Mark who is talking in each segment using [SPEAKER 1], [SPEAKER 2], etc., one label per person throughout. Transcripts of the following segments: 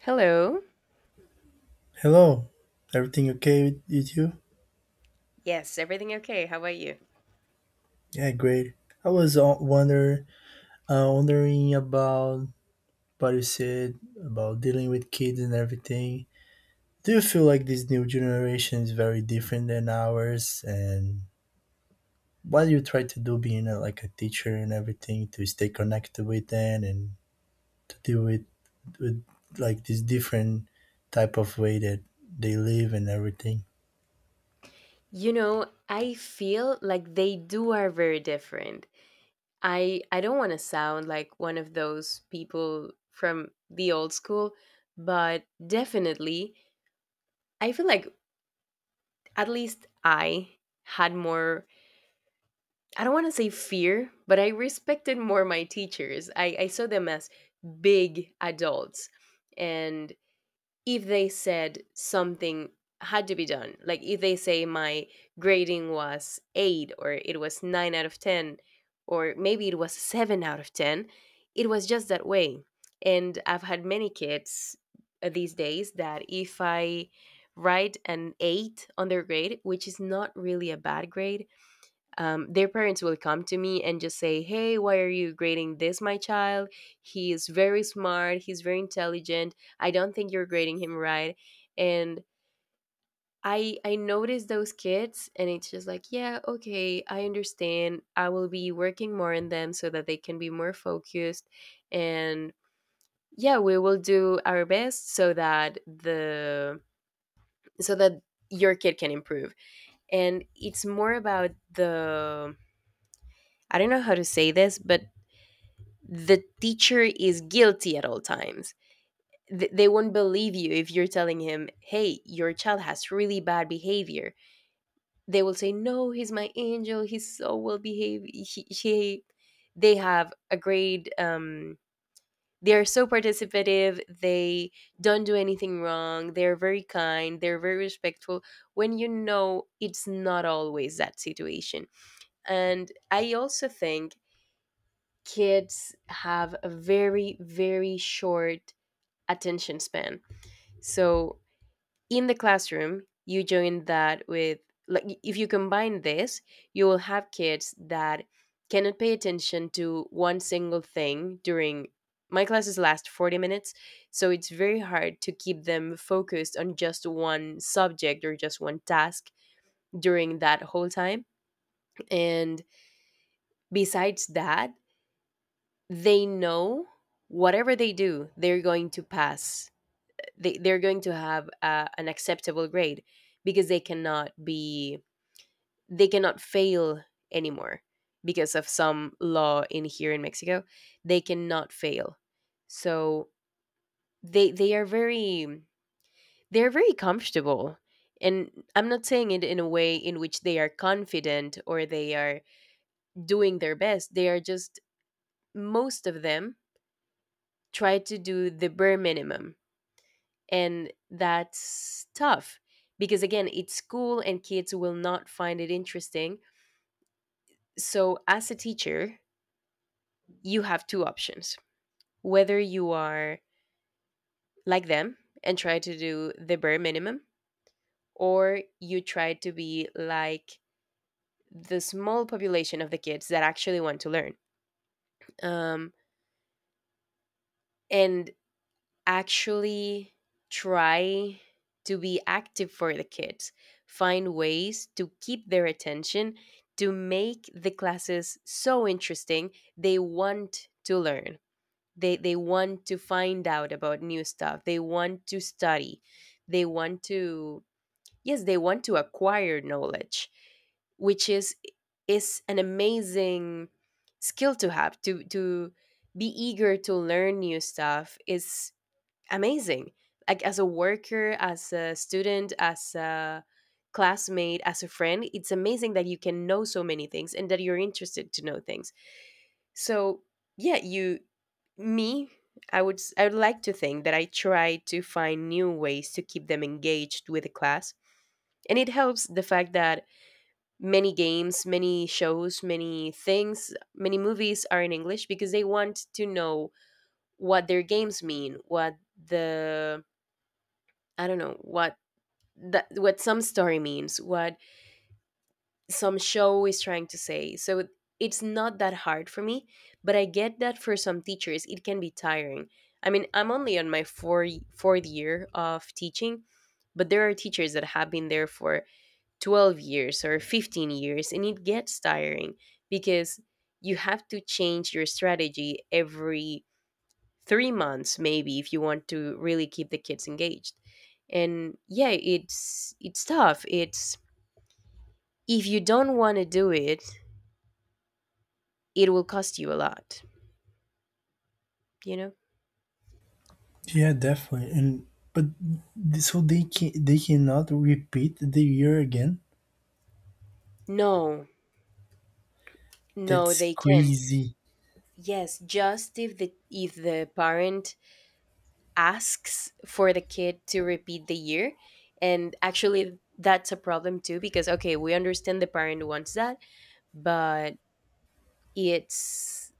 [SPEAKER 1] Hello.
[SPEAKER 2] Hello, everything okay with you?
[SPEAKER 1] Yes, everything okay? How about you?
[SPEAKER 2] Yeah, great. I was wondering about what you said about dealing with kids and everything. Do you feel like this new generation is very different than ours? And what do you try to do being like a teacher and everything to stay connected with them and to deal with like this different type of way that they live and everything?
[SPEAKER 1] You know, I feel like they do are very different. I don't want to sound like one of those people from the old school, but definitely I feel like at least I had more I don't want to say fear, but I respected more my teachers. I saw them as big adults, and if they said something had to be done, like if they say my grading was eight or it was nine out of 10, or maybe it was seven out of 10, it was just that way. And I've had many kids these days that if I write an eight on their grade, which is not really a bad grade, their parents will come to me and just say, "Hey, why are you grading this, my child? He is very smart. He's very intelligent. I don't think you're grading him right." And I notice those kids, and it's just like, yeah, okay, I understand, I will be working more on them so that they can be more focused, and yeah, we will do our best so that so that your kid can improve. And it's more about the I don't know how to say this, but the teacher is guilty at all times. They won't believe you if you're telling him, hey, your child has really bad behavior. They will say, no, he's my angel. He's so well behaved. They have a great, they are so participative. They don't do anything wrong. They're very kind. They're very respectful. When you know it's not always that situation. And I also think kids have a very, very short attention span. So in the classroom, you join that with like if you combine this, you will have kids that cannot pay attention to one single thing during my classes last 40 minutes, so it's very hard to keep them focused on just one subject or just one task during that whole time. And besides that, they know whatever they do, they're going to pass they're going to have an acceptable grade, because they cannot fail anymore because of some law in here in Mexico. They cannot fail. So they are very they're very comfortable, and I'm not saying it in a way in which they are confident or they are doing their best. They are just, most of them, try to do the bare minimum. And that's tough because, again, it's school and kids will not find it interesting. So, as a teacher, you have two options, whether you are like them and try to do the bare minimum, or you try to be like the small population of the kids that actually want to learn. Um, and actually try to be active for the kids, find ways to keep their attention, to make the classes so interesting they want to learn. They want to find out about new stuff. They want to study. They want to yes, they want to acquire knowledge, which is an amazing skill to have, to be eager to learn new stuff is amazing. Like as a worker, as a student, as a classmate, as a friend, it's amazing that you can know so many things and that you're interested to know things. So, yeah, you me, I would like to think that I try to find new ways to keep them engaged with the class. And it helps the fact that many games, many shows, many things, many movies are in English because they want to know what their games mean, what the I don't know what some story means, what some show is trying to say. So it's not that hard for me, but I get that for some teachers it can be tiring. I mean, I'm only on my fourth year of teaching, but there are teachers that have been there for 12 years or 15 years, and it gets tiring because you have to change your strategy every 3 months maybe if you want to really keep the kids engaged. And yeah, it's tough. It's if you don't want to do it, it will cost you a lot you know
[SPEAKER 2] Yeah, definitely. And but so they cannot repeat the year again.
[SPEAKER 1] no, no,
[SPEAKER 2] That's
[SPEAKER 1] they can't.
[SPEAKER 2] crazy.
[SPEAKER 1] Yes, just if the parent asks for the kid to repeat the year. And actually, that's a problem too, because okay, we understand the parent wants that, but it's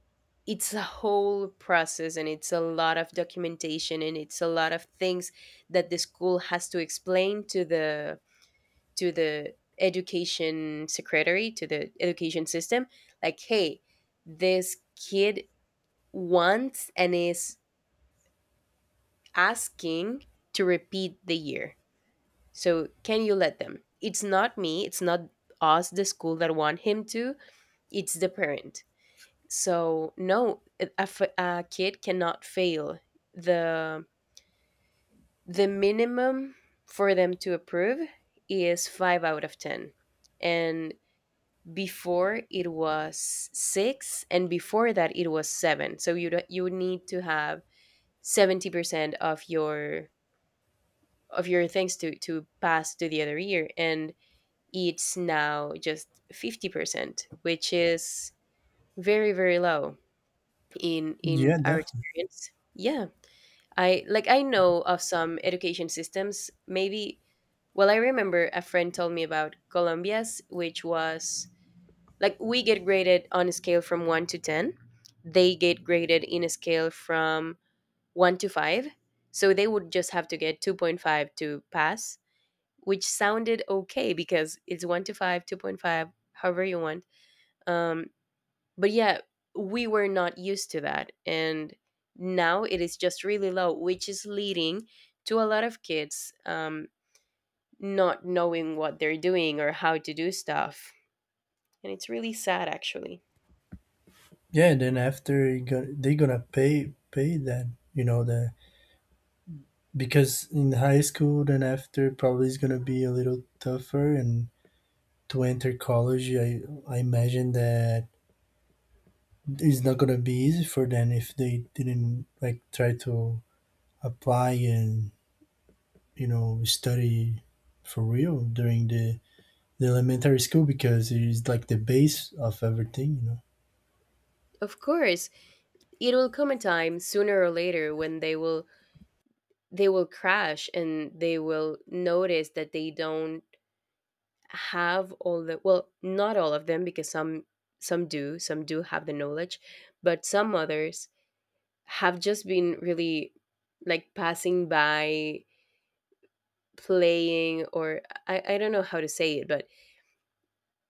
[SPEAKER 1] it's a whole process, and it's a lot of documentation, and it's a lot of things that the school has to explain to the education secretary, to the education system, like, hey, this kid wants and is asking to repeat the year, so can you let them. It's not me, it's not us the school that want him to, it's the parent. So no, a kid cannot fail. the The minimum for them to approve is five out of ten, and before it was six, and before that it was seven. So you don't- You would need to have 70% of your things to pass to the other year, and it's now just 50%, which is very very low in
[SPEAKER 2] Yeah,
[SPEAKER 1] our
[SPEAKER 2] definitely.
[SPEAKER 1] experience. Yeah, I know of some education systems. Maybe well I remember a friend told me about Colombia's, which was like we get graded on a scale from 1 to 10. They get graded in a scale from 1 to 5. So they would just have to get 2.5 to pass, which sounded okay because it's 1 to 5, 2.5, however you want. Um but yeah, we were not used to that, and now it is just really low, which is leading to a lot of kids not knowing what they're doing or how to do stuff, and it's really sad actually.
[SPEAKER 2] Yeah, then after you go, they gonna pay that, you know, the because in high school then after probably is gonna be a little tougher, and to enter college I imagine that it's not gonna be easy for them if they didn't like try to apply and study for real during the elementary school, because it is like the base of everything.
[SPEAKER 1] Of course, it will come a time sooner or later when they will crash, and they will notice that they don't have all the well not all of them, because some do have the knowledge, but some others have just been really like passing by playing or I don't know how to say it, but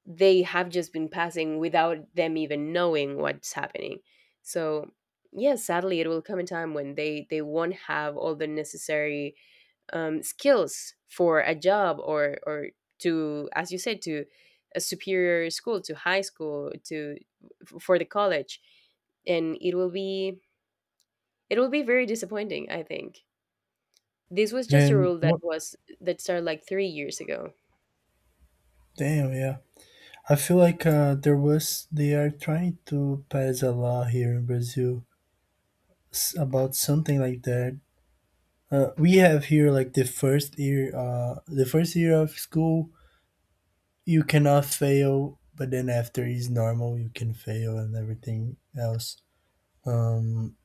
[SPEAKER 1] they have just been passing without them even knowing what's happening. So yes, sadly, it will come a time when they won't have all the necessary skills for a job, or to, as you said, to a superior school, to high school, to for the college. And it will be very disappointing, I think. This was just a
[SPEAKER 2] And
[SPEAKER 1] rule that
[SPEAKER 2] what?
[SPEAKER 1] was that started like 3 years ago.
[SPEAKER 2] Damn, yeah. I feel like there was they are trying to pass a law here in Brazil about something like that. We have here like the first year of school, you cannot fail, but then after is normal, you can fail and everything else. Um,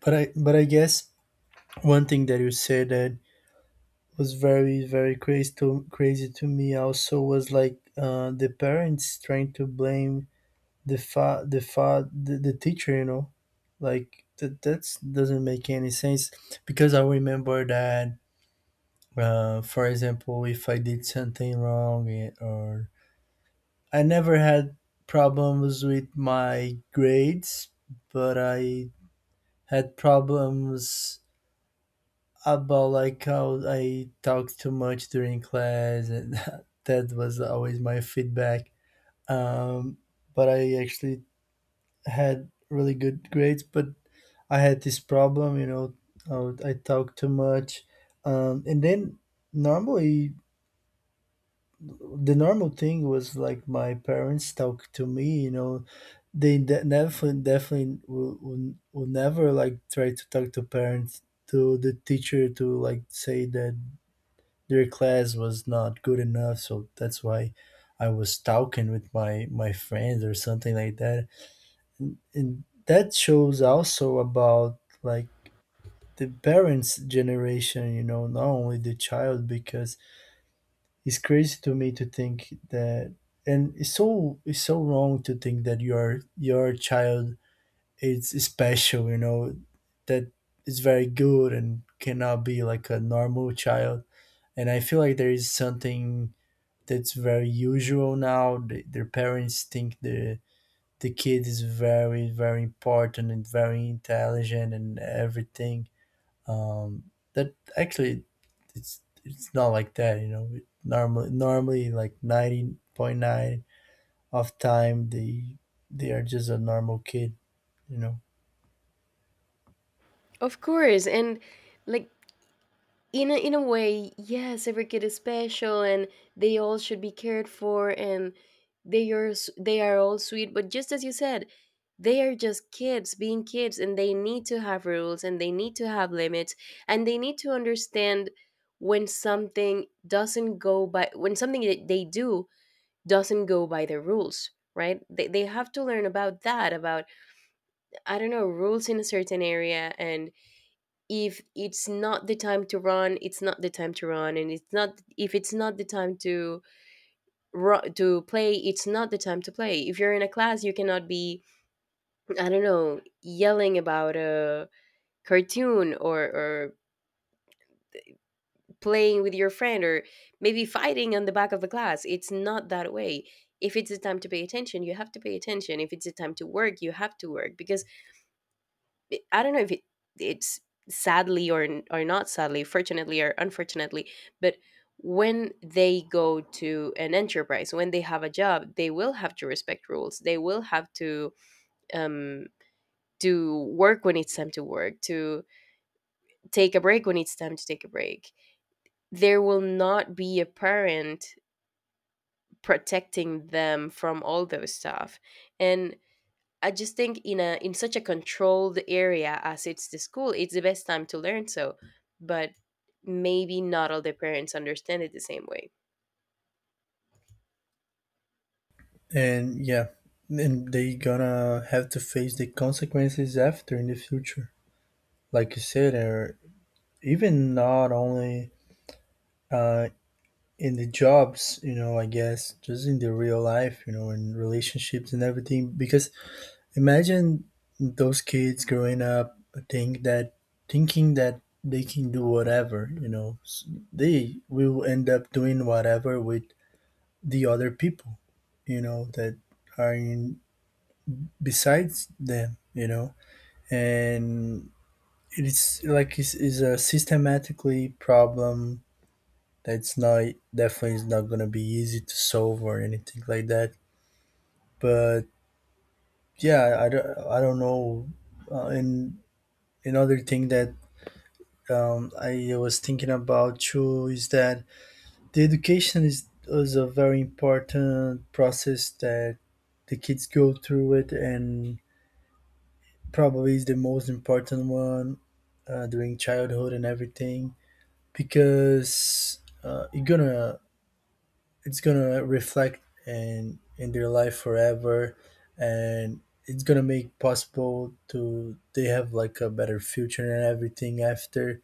[SPEAKER 2] but I guess one thing that you said that was very very crazy to me also was like the parents trying to blame the teacher, like that's doesn't make any sense. Because I remember that, for example, if I did something wrong, or I never had problems with my grades, but I had problems about like how I talk too much during class, and that was always my feedback. Um, but I actually had really good grades, but I had this problem, I talk too much, and then normally the normal thing was like my parents talk to me. They never, definitely will never like try to talk to parents to the teacher to like say that their class was not good enough, so that's why I was talking with my friends or something like that, and that shows also about like the parents generation, not only the child, because it's crazy to me to think that, and it's so wrong to think that your child is special, that is very good and cannot be like a normal child. And I feel like there is something that's very usual now. Their parents think the kid is very very important and very intelligent and everything. Um, that actually, it's not like that. You know, normally like 90.9 of time they are just a normal kid. You know.
[SPEAKER 1] Of course, and like in in a way, yes, every kid is special, and they all should be cared for, and they are all sweet. But just as you said, they are just kids being kids, and they need to have rules, and they need to have limits, and they need to understand when something doesn't go by when something that they do doesn't go by the rules, right? They have to learn about that, about I don't know, rules in a certain area. And if it's not the time to run, it's not the time to run. And it's not, if it's not the time to to play, it's not the time to play. If you're in a class, you cannot be, I don't know, yelling about a cartoon, or playing with your friend, or maybe fighting on the back of the class. It's not that way. If it's the time to pay attention, you have to pay attention. If it's the time to work, you have to work because I don't know if it's sadly or not sadly, fortunately or unfortunately, but when they go to an enterprise, when they have a job, they will have to respect rules. They will have um, to work when it's time to work, to take a break when it's time to take a break. There will not be a parent protecting them from all those stuff, and I just think in a in such a controlled area as it's the school, it's the best time to learn so. But maybe not all the parents understand it the same way.
[SPEAKER 2] And yeah, and they gonna have to face the consequences after in the future. Like you said, or even not only uh, in the jobs, I guess, just in the real life, in relationships and everything. Because imagine those kids growing up think that thinking that they can do whatever, they will end up doing whatever with the other people, that are in besides them, and it's like it's a systematically problem. That's not Definitely is not gonna be easy to solve or anything like that. But yeah, I don't know. And another thing that, I was thinking about too, is that the education is a very important process that the kids go through it, and probably is the most important one during childhood and everything, because you gonna it's gonna reflect in their life forever, and it's gonna make possible to they have like a better future and everything after,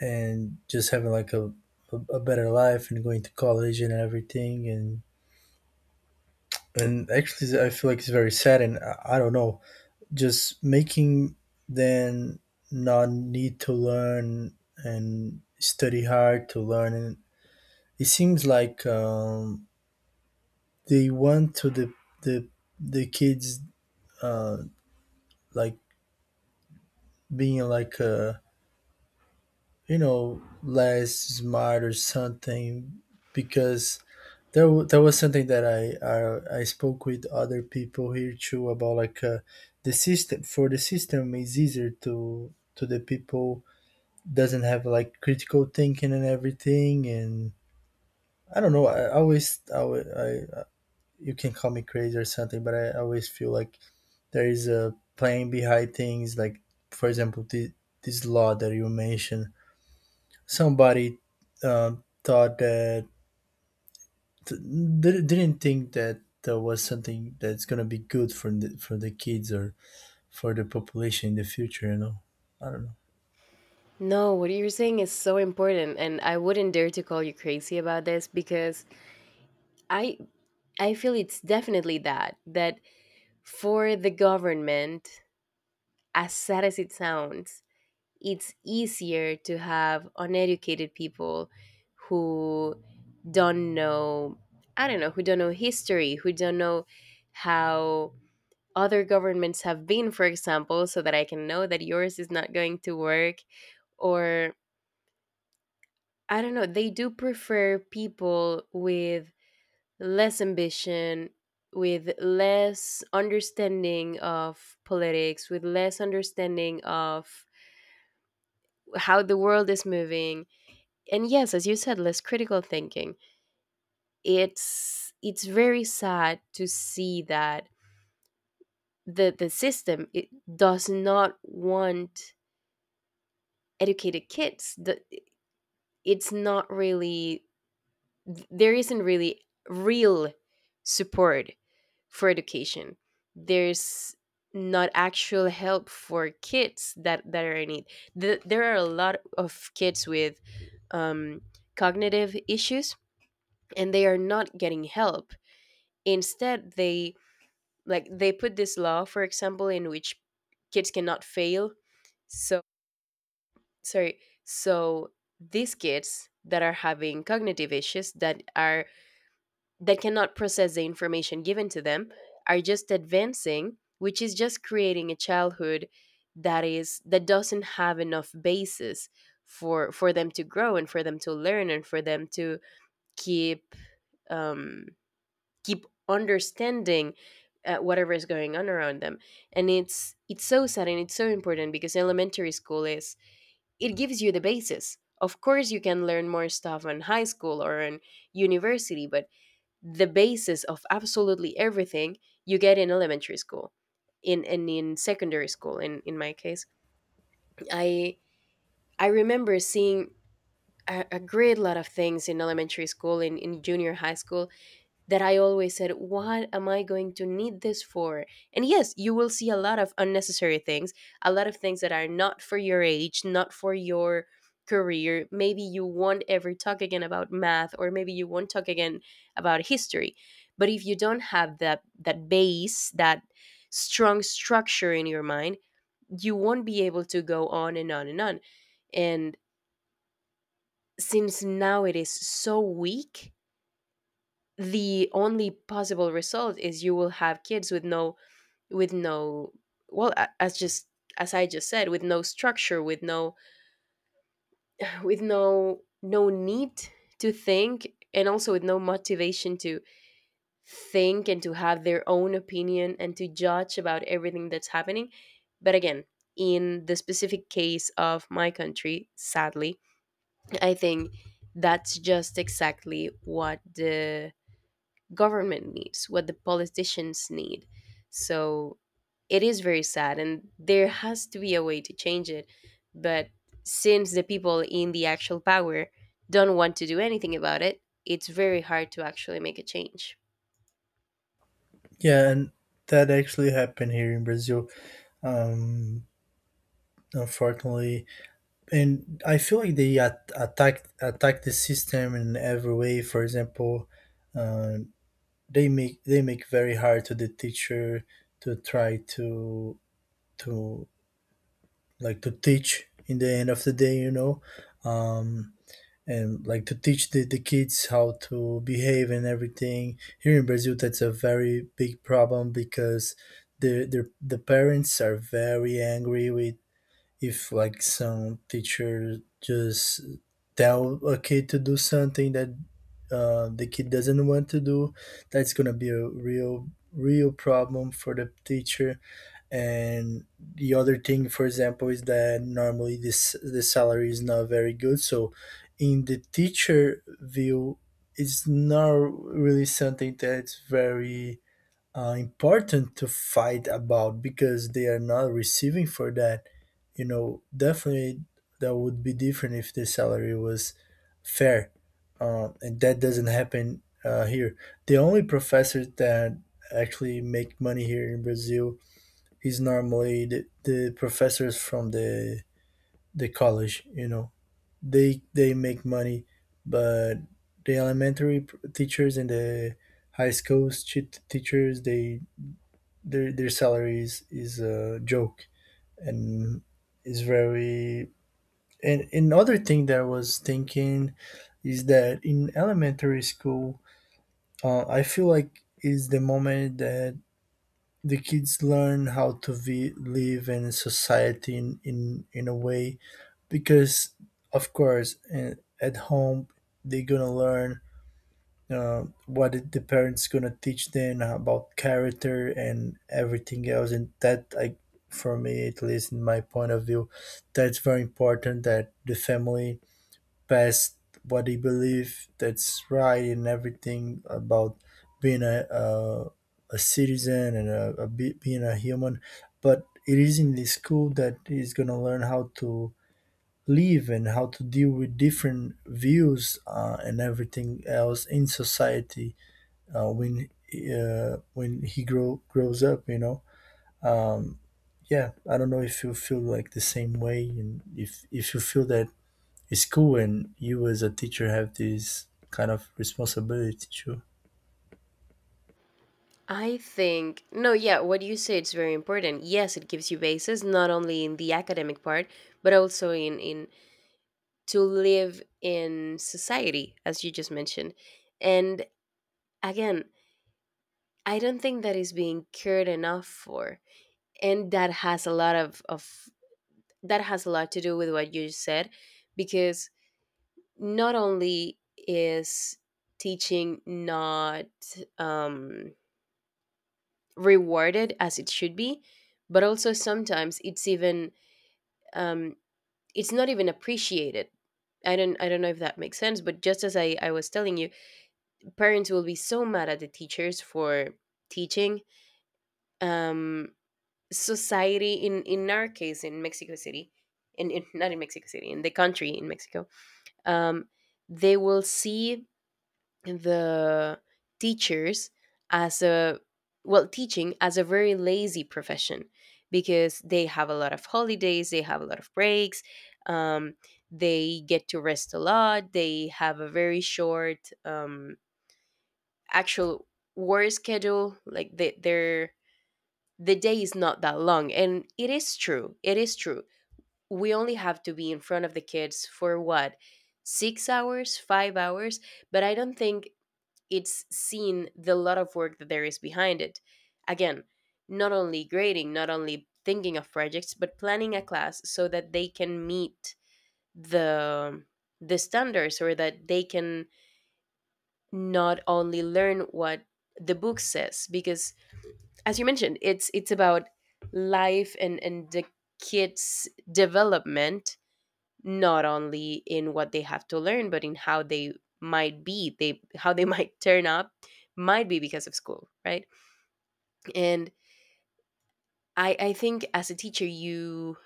[SPEAKER 2] and just having like a better life and going to college and everything, and actually I feel like it's very sad, and I don't know, just making them not need to learn and study hard to learn. And it seems like they want to the the kids, uh like, being like, less smart or something. Because there was something that I spoke with other people here too about, like, the system for the system is easier to the people doesn't have like critical thinking and everything. And I don't know, I always I, alwa- I you can call me crazy or something, but I always feel like there is a plan behind things. Like, for example, this law that you mentioned, somebody, thought that didn't think that there was something that's going to be good for the kids or for the population in the future. I don't know.
[SPEAKER 1] No, what you're saying is so important, and I wouldn't dare to call you crazy about this because I I feel it's definitely that for the government, as sad as it sounds, it's easier to have uneducated people who don't know, I don't know, who don't know history, who don't know how other governments have been, for example, so that I can know that yours is not going to work. Or, I don't know, they do prefer people with less ambition, with less understanding of politics, with less understanding of how the world is moving. And yes, as you said, less critical thinking. It's very sad to see that the system it does not want educated kids. It's not really, there isn't really real support for education. There's not actual help for kids that are in need. There are a lot of kids with um, cognitive issues, and they are not getting help. Instead, they, like, they put this law, for example, in which kids cannot fail. So sorry so these kids that are having cognitive issues, that cannot process the information given to them, are just advancing, which is just creating a childhood that doesn't have enough basis for them to grow, and for them to learn, and for them to keep um keep understanding whatever is going on around them. And it's so sad, and it's so important because elementary school is it gives you the basis. Of course you can learn more stuff in high school or in university, but the basis of absolutely everything you get in elementary school, in secondary school. In my case, i I remember seeing a great lot of things in elementary school, in junior high school, that I always said, what am I going to need this for? And yes, you will see a lot of unnecessary things, a lot of things that are not for your age, not for your career. Maybe you won't ever talk again about math, or maybe you won't talk again about history. But if you don't have that base, that strong structure in your mind, you won't be able to go on and on and on. And since now it is so weak, the only possible result is you will have kids with no, with no, well, as I just said, with no structure, with no with no need to think, and also with no motivation to think and to have their own opinion and to judge about everything that's happening. But again, in the specific case of my country, sadly, I think that's just exactly what the government needs, what the politicians need. So it is very sad, and there has to be a way to change it. But since the people in the actual power don't want to do anything about it, it's very hard to actually make a change.
[SPEAKER 2] Yeah, and that actually happened here in Brazil, um unfortunately. And I feel like they attacked the system in every way. For example, uh, they make very hard to the teacher to try to like to teach in the end of the day um and like to teach the kids how to behave and everything. Here in Brazil that's a very big problem, because the parents are very angry with, if like some teacher just tell a kid to do something that the kid doesn't want to do, that's gonna be a real real problem for the teacher. And the other thing, for example, is that normally this the salary is not very good, so in the teacher view it's not really something that's very important to fight about, because they are not receiving for that. You know, definitely that would be different if the salary was fair, and that doesn't happen here. The only professors that actually make money here in Brazil is normally the professors from the college. You know, they make money, but the elementary teachers and the high schools teachers, they their salaries is, a joke. And is very and another thing that I was thinking is that in elementary school, I feel like is the moment that the kids learn how to live in society, in a way, because of course at home they're gonna learn the parents gonna teach them about character and everything else. And that I for me, at least, in my point of view, that's very important, that the family pass what they believe that's right and everything about being a citizen and being a human. But it is in the school that he's gonna learn how to live and how to deal with different views, and everything else in society, uh, when when he grows up. You know. um, yeah. I don't know if you feel like the same way, and if you feel that it's cool, and you as a teacher have this kind of responsibility too.
[SPEAKER 1] I think no, yeah, what you say it's very important. Yes, it gives you basis, not only in the academic part, but also in to live in society, as you just mentioned. And again, I don't think that is being cared enough for. And that has a lot to do with what you said, because not only is teaching not um, rewarded as it should be, but also sometimes it's even um, it's not even appreciated. I don't know if that makes sense, but just as I was telling you, parents will be so mad at the teachers for teaching. Um, Society in our case in Mexico City, in not in Mexico City, in the country, in Mexico, um, they will see the teachers as a, well, teaching as a very lazy profession because they have a lot of holidays, they have a lot of breaks, um, they get to rest a lot, they have a very short actual work schedule. Like they, the day is not that long, and it is true, it is true, we only have to be in front of the kids for what, 6 hours, 5 hours, but I don't think it's seen the lot of work that there is behind it. Again, not only grading, not only thinking of projects, but planning a class so that they can meet the the standards, or that they can not only learn what the book says, because as you mentioned it's about life and the kids development, not only in what they have to learn but in how they might be they how they might turn up, might be, because of school, right? And I think as a teacher, you,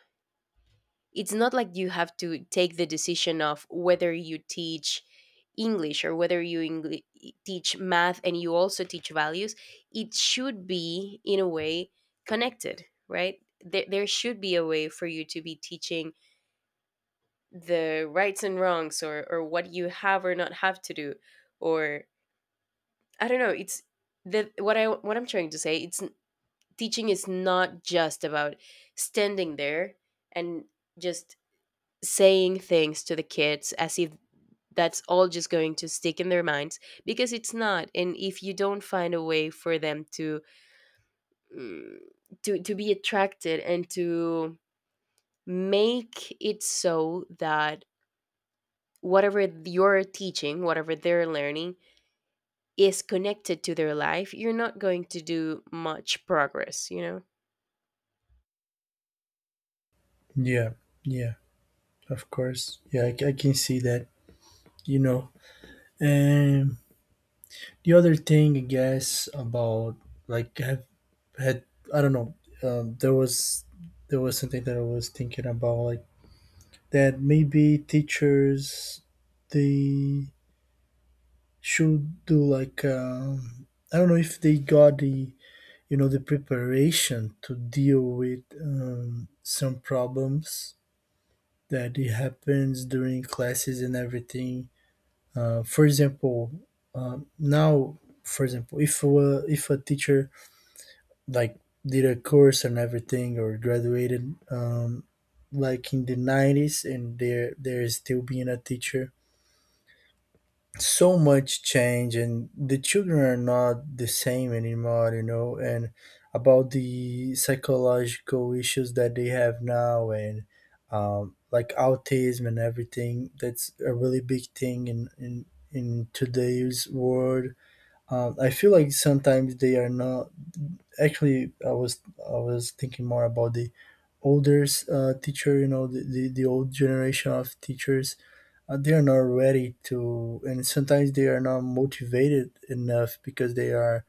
[SPEAKER 1] it's not like you have to take the decision of whether you teach English or whether you teach math, and you also teach values. It should be, in a way, connected, right? There should be a way for you to be teaching the rights and wrongs, or what you have or not have to do. Or, I don't know, it's what I'm trying to say. It's teaching is not just about standing there and just saying things to the kids as if that's all just going to stick in their minds, because it's not. And if you don't find a way for them to mm, to be attracted and to make it so that whatever you're teaching, whatever they're learning, is connected to their life, you're not going to do much progress, you know.
[SPEAKER 2] Yeah, yeah, of course. Yeah, I can see that. You know, and the other thing, I guess, about, like, have had I don't know. Um, there was there was something that I was thinking about, like, that maybe teachers they should do like, I don't know if they got the you know the preparation to deal with, some problems that it happens during classes and everything. For example, now for example, if if a teacher like did a course and everything or graduated, like in the nineties, and they're still being a teacher, so much change, and the children are not the same anymore, and about the psychological issues that they have now, and like autism and everything, that's a really big thing in today's world. I feel like sometimes they are not. Actually, I was thinking more about the older teacher, the old generation of teachers. They are not ready to, and sometimes they are not motivated enough, because they are,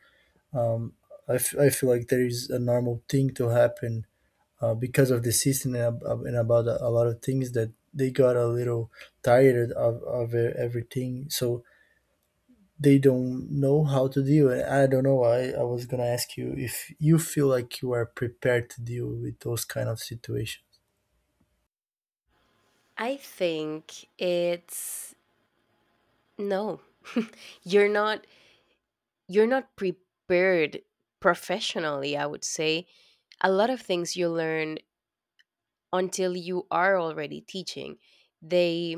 [SPEAKER 2] um, I feel like there is a normal thing to happen, because of the system, and about a lot of things that they got a little tired of everything, so they don't know how to deal. And I don't know. I was gonna ask you if you feel like you are prepared to deal with those kind of situations.
[SPEAKER 1] I think it's no, you're not you're not prepared, professionally, I would say. A lot of things you learn until you are already teaching. they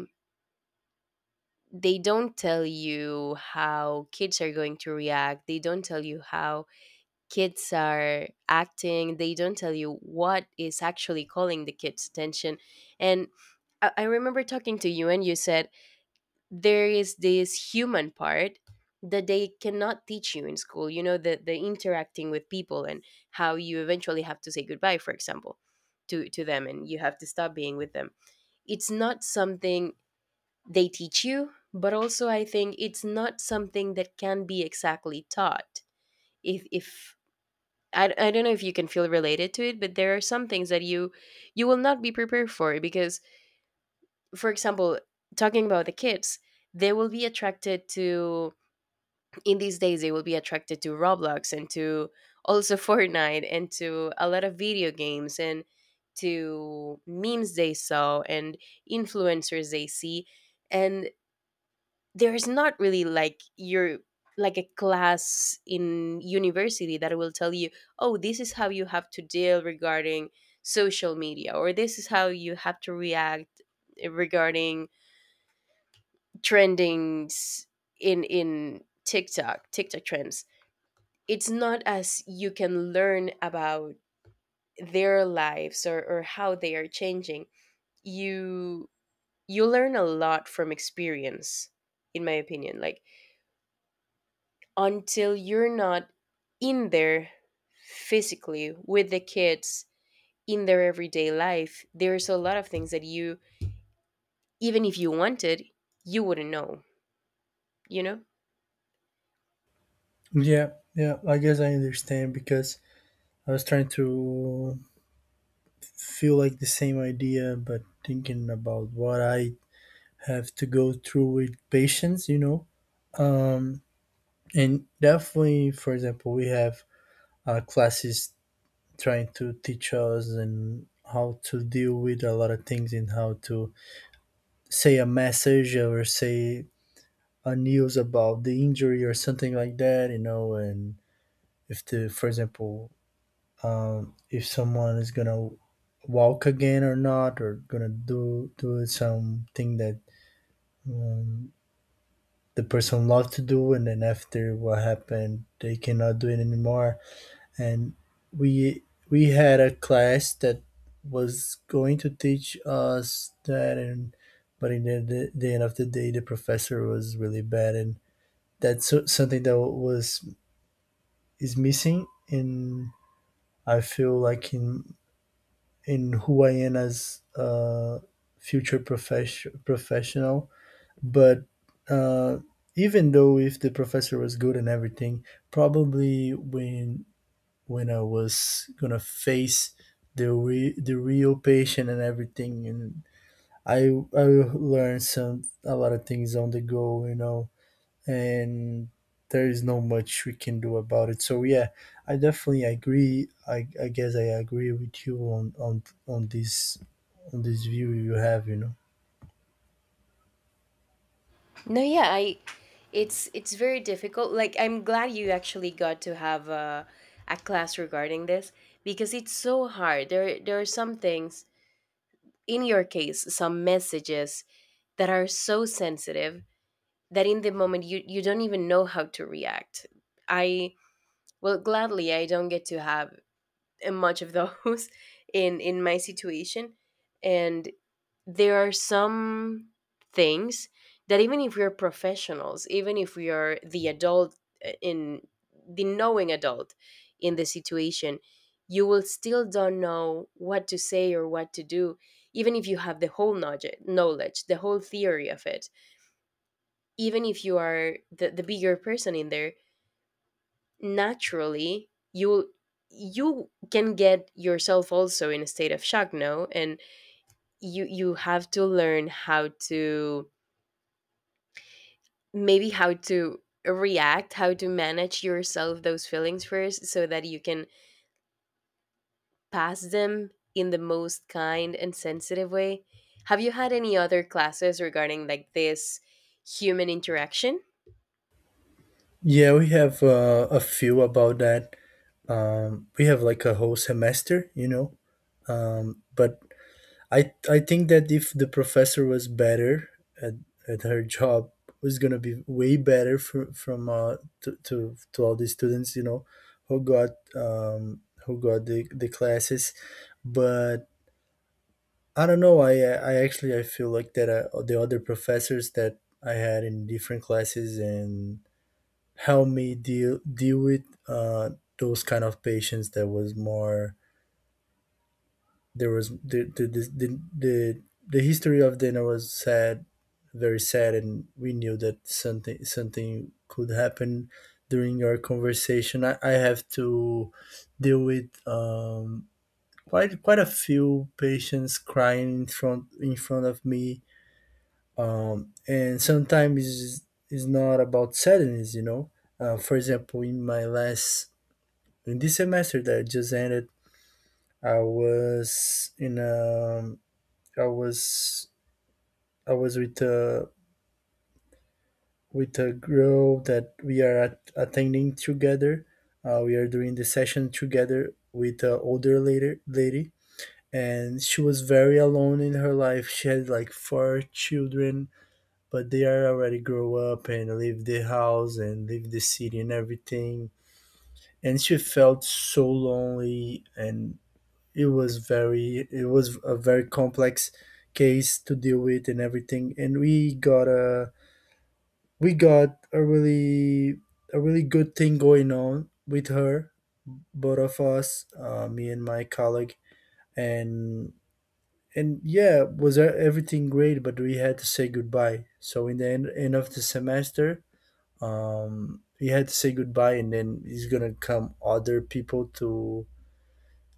[SPEAKER 1] they don't tell you how kids are going to react, they don't tell you how kids are acting, they don't tell you what is actually calling the kids attention. And I remember talking to you, and you said, there is this human part that they cannot teach you in school, you know, the interacting with people, and how you eventually have to say goodbye, for example, to them, and you have to stop being with them. It's not something they teach you, but also I think it's not something that can be exactly taught. If I don't know if you can feel related to it, but there are some things that you will not be prepared for. Because, for example, talking about the kids, they will be attracted to, in these days they will be attracted to Roblox and to also Fortnite and to a lot of video games and to memes they saw and influencers they see. And there's not really like your like a class in university that will tell you, oh, this is how you have to deal regarding social media, or this is how you have to react regarding trendings in TikTok trends. It's not as you can learn about their lives, or how they are changing. you you learn a lot from experience, in my opinion. Like, until you're not in there physically with the kids in their everyday life, there's a lot of things that you even if you wanted, you wouldn't know, you know.
[SPEAKER 2] Yeah, yeah. I guess I understand, because I was trying to feel like the same idea, but thinking about what I have to go through with patients. Um, and definitely, for example, we have classes trying to teach us and how to deal with a lot of things and how to say a message or say a news about the injury or something like that, you know. And if for example, if someone is gonna walk again or not, or gonna do something that um, the person loved to do, and then after what happened, they cannot do it anymore. And we we had a class that was going to teach us that. And but in the end of the day the professor was really bad, and something that was is missing in, I feel like in who I am as a professional. But uh, even though if the professor was good and everything, probably when I was gonna face the real patient and everything, and I I learned some a lot of things on the go, you know, and there is no much we can do about it. So yeah, I definitely agree. I guess I agree with you on, on this, on this view you have, you know.
[SPEAKER 1] No, yeah, I, it's very difficult. Like, I'm glad you actually got to have a class regarding this, because it's so hard. There are some things, in your case, some messages, that are so sensitive that in the moment you don't even know how to react. I, well, gladly I don't get to have much of those in my situation. And there are some things that, even if we are professionals, even if we are the adult, in the knowing adult in the situation, you will still don't know what to say or what to do, even if you have the whole knowledge, the whole theory of it. Even if you are the bigger person in there, naturally you will, you can get yourself also in a state of shock, no, and you have to learn how to, maybe how to react, how to manage yourself those feelings first, so that you can pass them in the most kind and sensitive way. Have you had any other classes regarding, like, this human interaction?
[SPEAKER 2] Yeah, we have a few about that. We have like a whole semester, you know. But I think that if the professor was better at, at her job, was gonna be way better for, from to, to all the students, you know, who got the classes. But I don't know. I actually I feel like that the other professors that I had in different classes and helped me deal with those kind of patients that was more, there was the, the history of dinner was sad, very sad, and we knew that something could happen during our conversation. I have to deal with quite a few patients crying in front of me, and sometimes it's not about sadness, you know. For example, in my last in this semester that just ended, I was in a I was I was with a, with a girl that we are at, attending together. We are doing the session together with an older lady, and she was very alone in her life. She had like four children, but they are already grow up and leave the house and leave the city and everything. And she felt so lonely, and it was a very complex case to deal with and everything. And we got a really, a really good thing going on with her, both of us, me and my colleague. and and yeah, was everything great, but we had to say goodbye. So in the end of the semester, we had to say goodbye, and then it's gonna come other people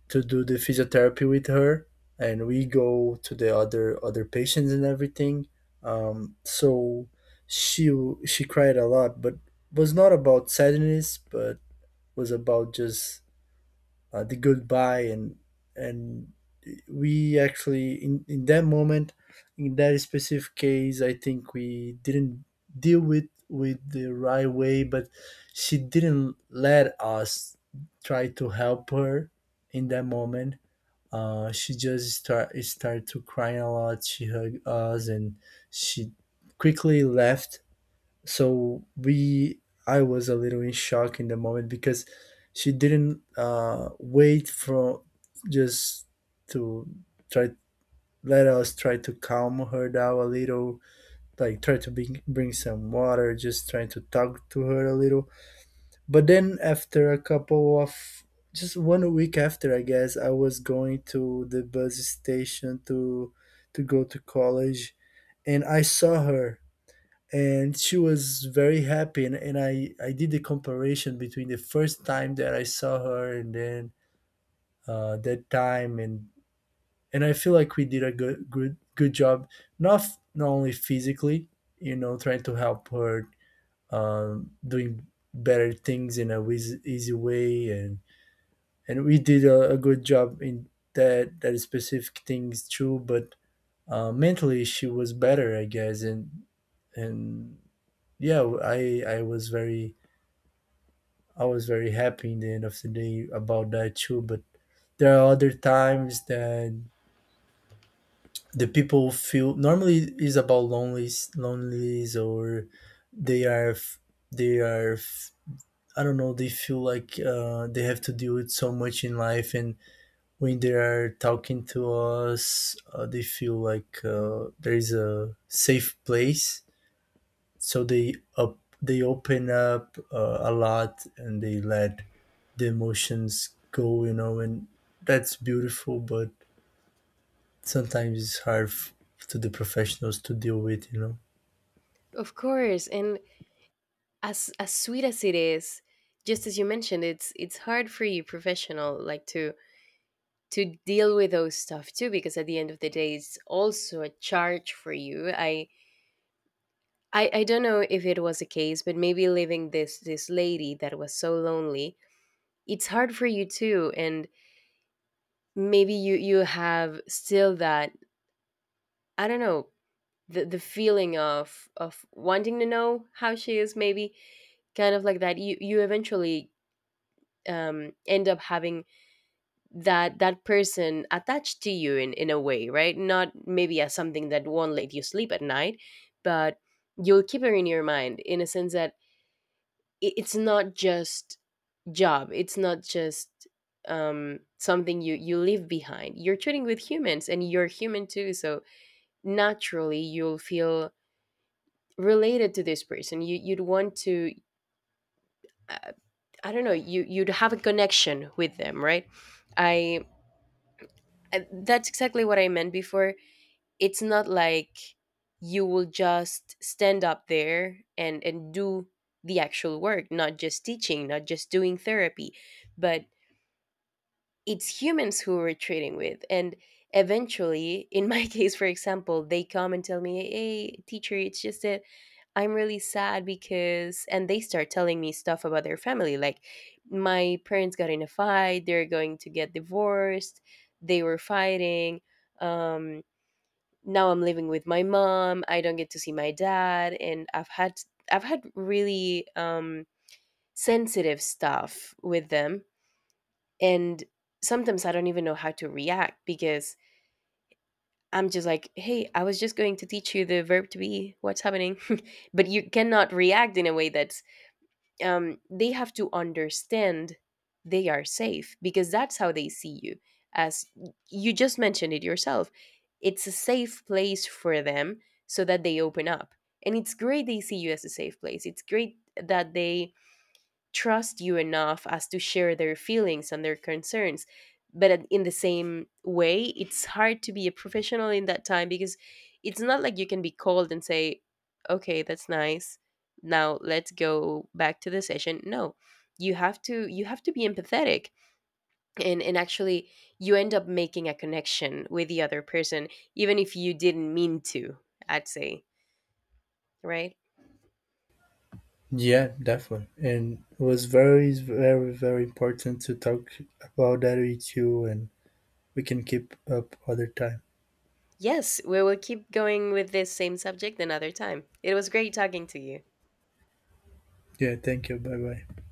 [SPEAKER 2] to do the physiotherapy with her, and we go to the other patients and everything. So she she cried a lot, but was not about sadness, but was about just the goodbye. And we actually in that moment, in that specific case, I think we didn't deal with the right way. But she didn't let us try to help her in that moment. Uh, she just started to crying a lot. She hugged us, and she quickly left. So we, I was a little in shock in the moment because she didn't wait for, just to try, let us try to calm her down a little, like try to bring some water, just trying to talk to her a little. But then after a couple of, just one week after, I guess I was going to the bus station to go to college, and I saw her, and she was very happy. And I did the comparison between the first time that I saw her and then that time. And I feel like we did a good good job, not not only physically, you know, trying to help her doing better things in a easy way. And we did a good job in that specific thing, is true. But mentally she was better, I guess. And yeah, I was very, I was very happy in the end of the day about that too. But there are other times that the people feel normally is about lonelies or they are they are, I don't know, they feel like they have to deal with so much in life. And when they are talking to us, they feel like there is a safe place. So they open up a lot, and they let the emotions go, you know, and that's beautiful. But sometimes it's hard to the professionals to deal with, you know.
[SPEAKER 1] Of course, and as sweet as it is, just as you mentioned, it's hard for you professional, like, to deal with those stuff too, because at the end of the day it's also a charge for you. I I don't know if it was a case, but maybe leaving this lady that was so lonely, it's hard for you too. And maybe you have still that, I don't know, the feeling of wanting to know how she is. Maybe kind of like that. You eventually end up having that person attached to you in a way, right? Not maybe as something that won't let you sleep at night, but you'll keep her in your mind, in a sense that it, it's not just job, it's not just something you leave behind. You're treating with humans, and you're human too, so naturally you'll feel related to this person. You'd want to uh, I don't know, you'd have a connection with them, right? i that's exactly what I meant before. It's not like you will just stand up there and do the actual work, not just teaching, not just doing therapy, but it's humans who we're trading with. And eventually, in my case, for example, they come and tell me, hey teacher, it's just that I'm really sad because, and they start telling me stuff about their family, like, my parents got in a fight, they're going to get divorced, they were fighting, um now I'm living with my mom, I don't get to see my dad, and I've had really sensitive stuff with them. And sometimes I don't even know how to react, because I'm just like, hey, I was just going to teach you the verb to be. What's happening? But you cannot react in a way that's, they have to understand they are safe, because that's how they see you. As you just mentioned it yourself, it's a safe place for them, so that they open up. And it's great they see you as a safe place. It's great that they trust you enough as to share their feelings and their concerns. But at- in the same way, it's hard to be a professional in that time because it's not like you can be cold and say, okay, that's nice. Now let's go back to the session. No, you have to be empathetic, and actually you end up making a connection with the other person, even if you didn't mean to, I'd say, right?
[SPEAKER 2] Yeah, definitely. And it was very, very, very important to talk about that with you. And we can keep up other time.
[SPEAKER 1] Yes, we will keep going with this same subject another time. It was great talking to you.
[SPEAKER 2] Yeah, thank you. Bye bye.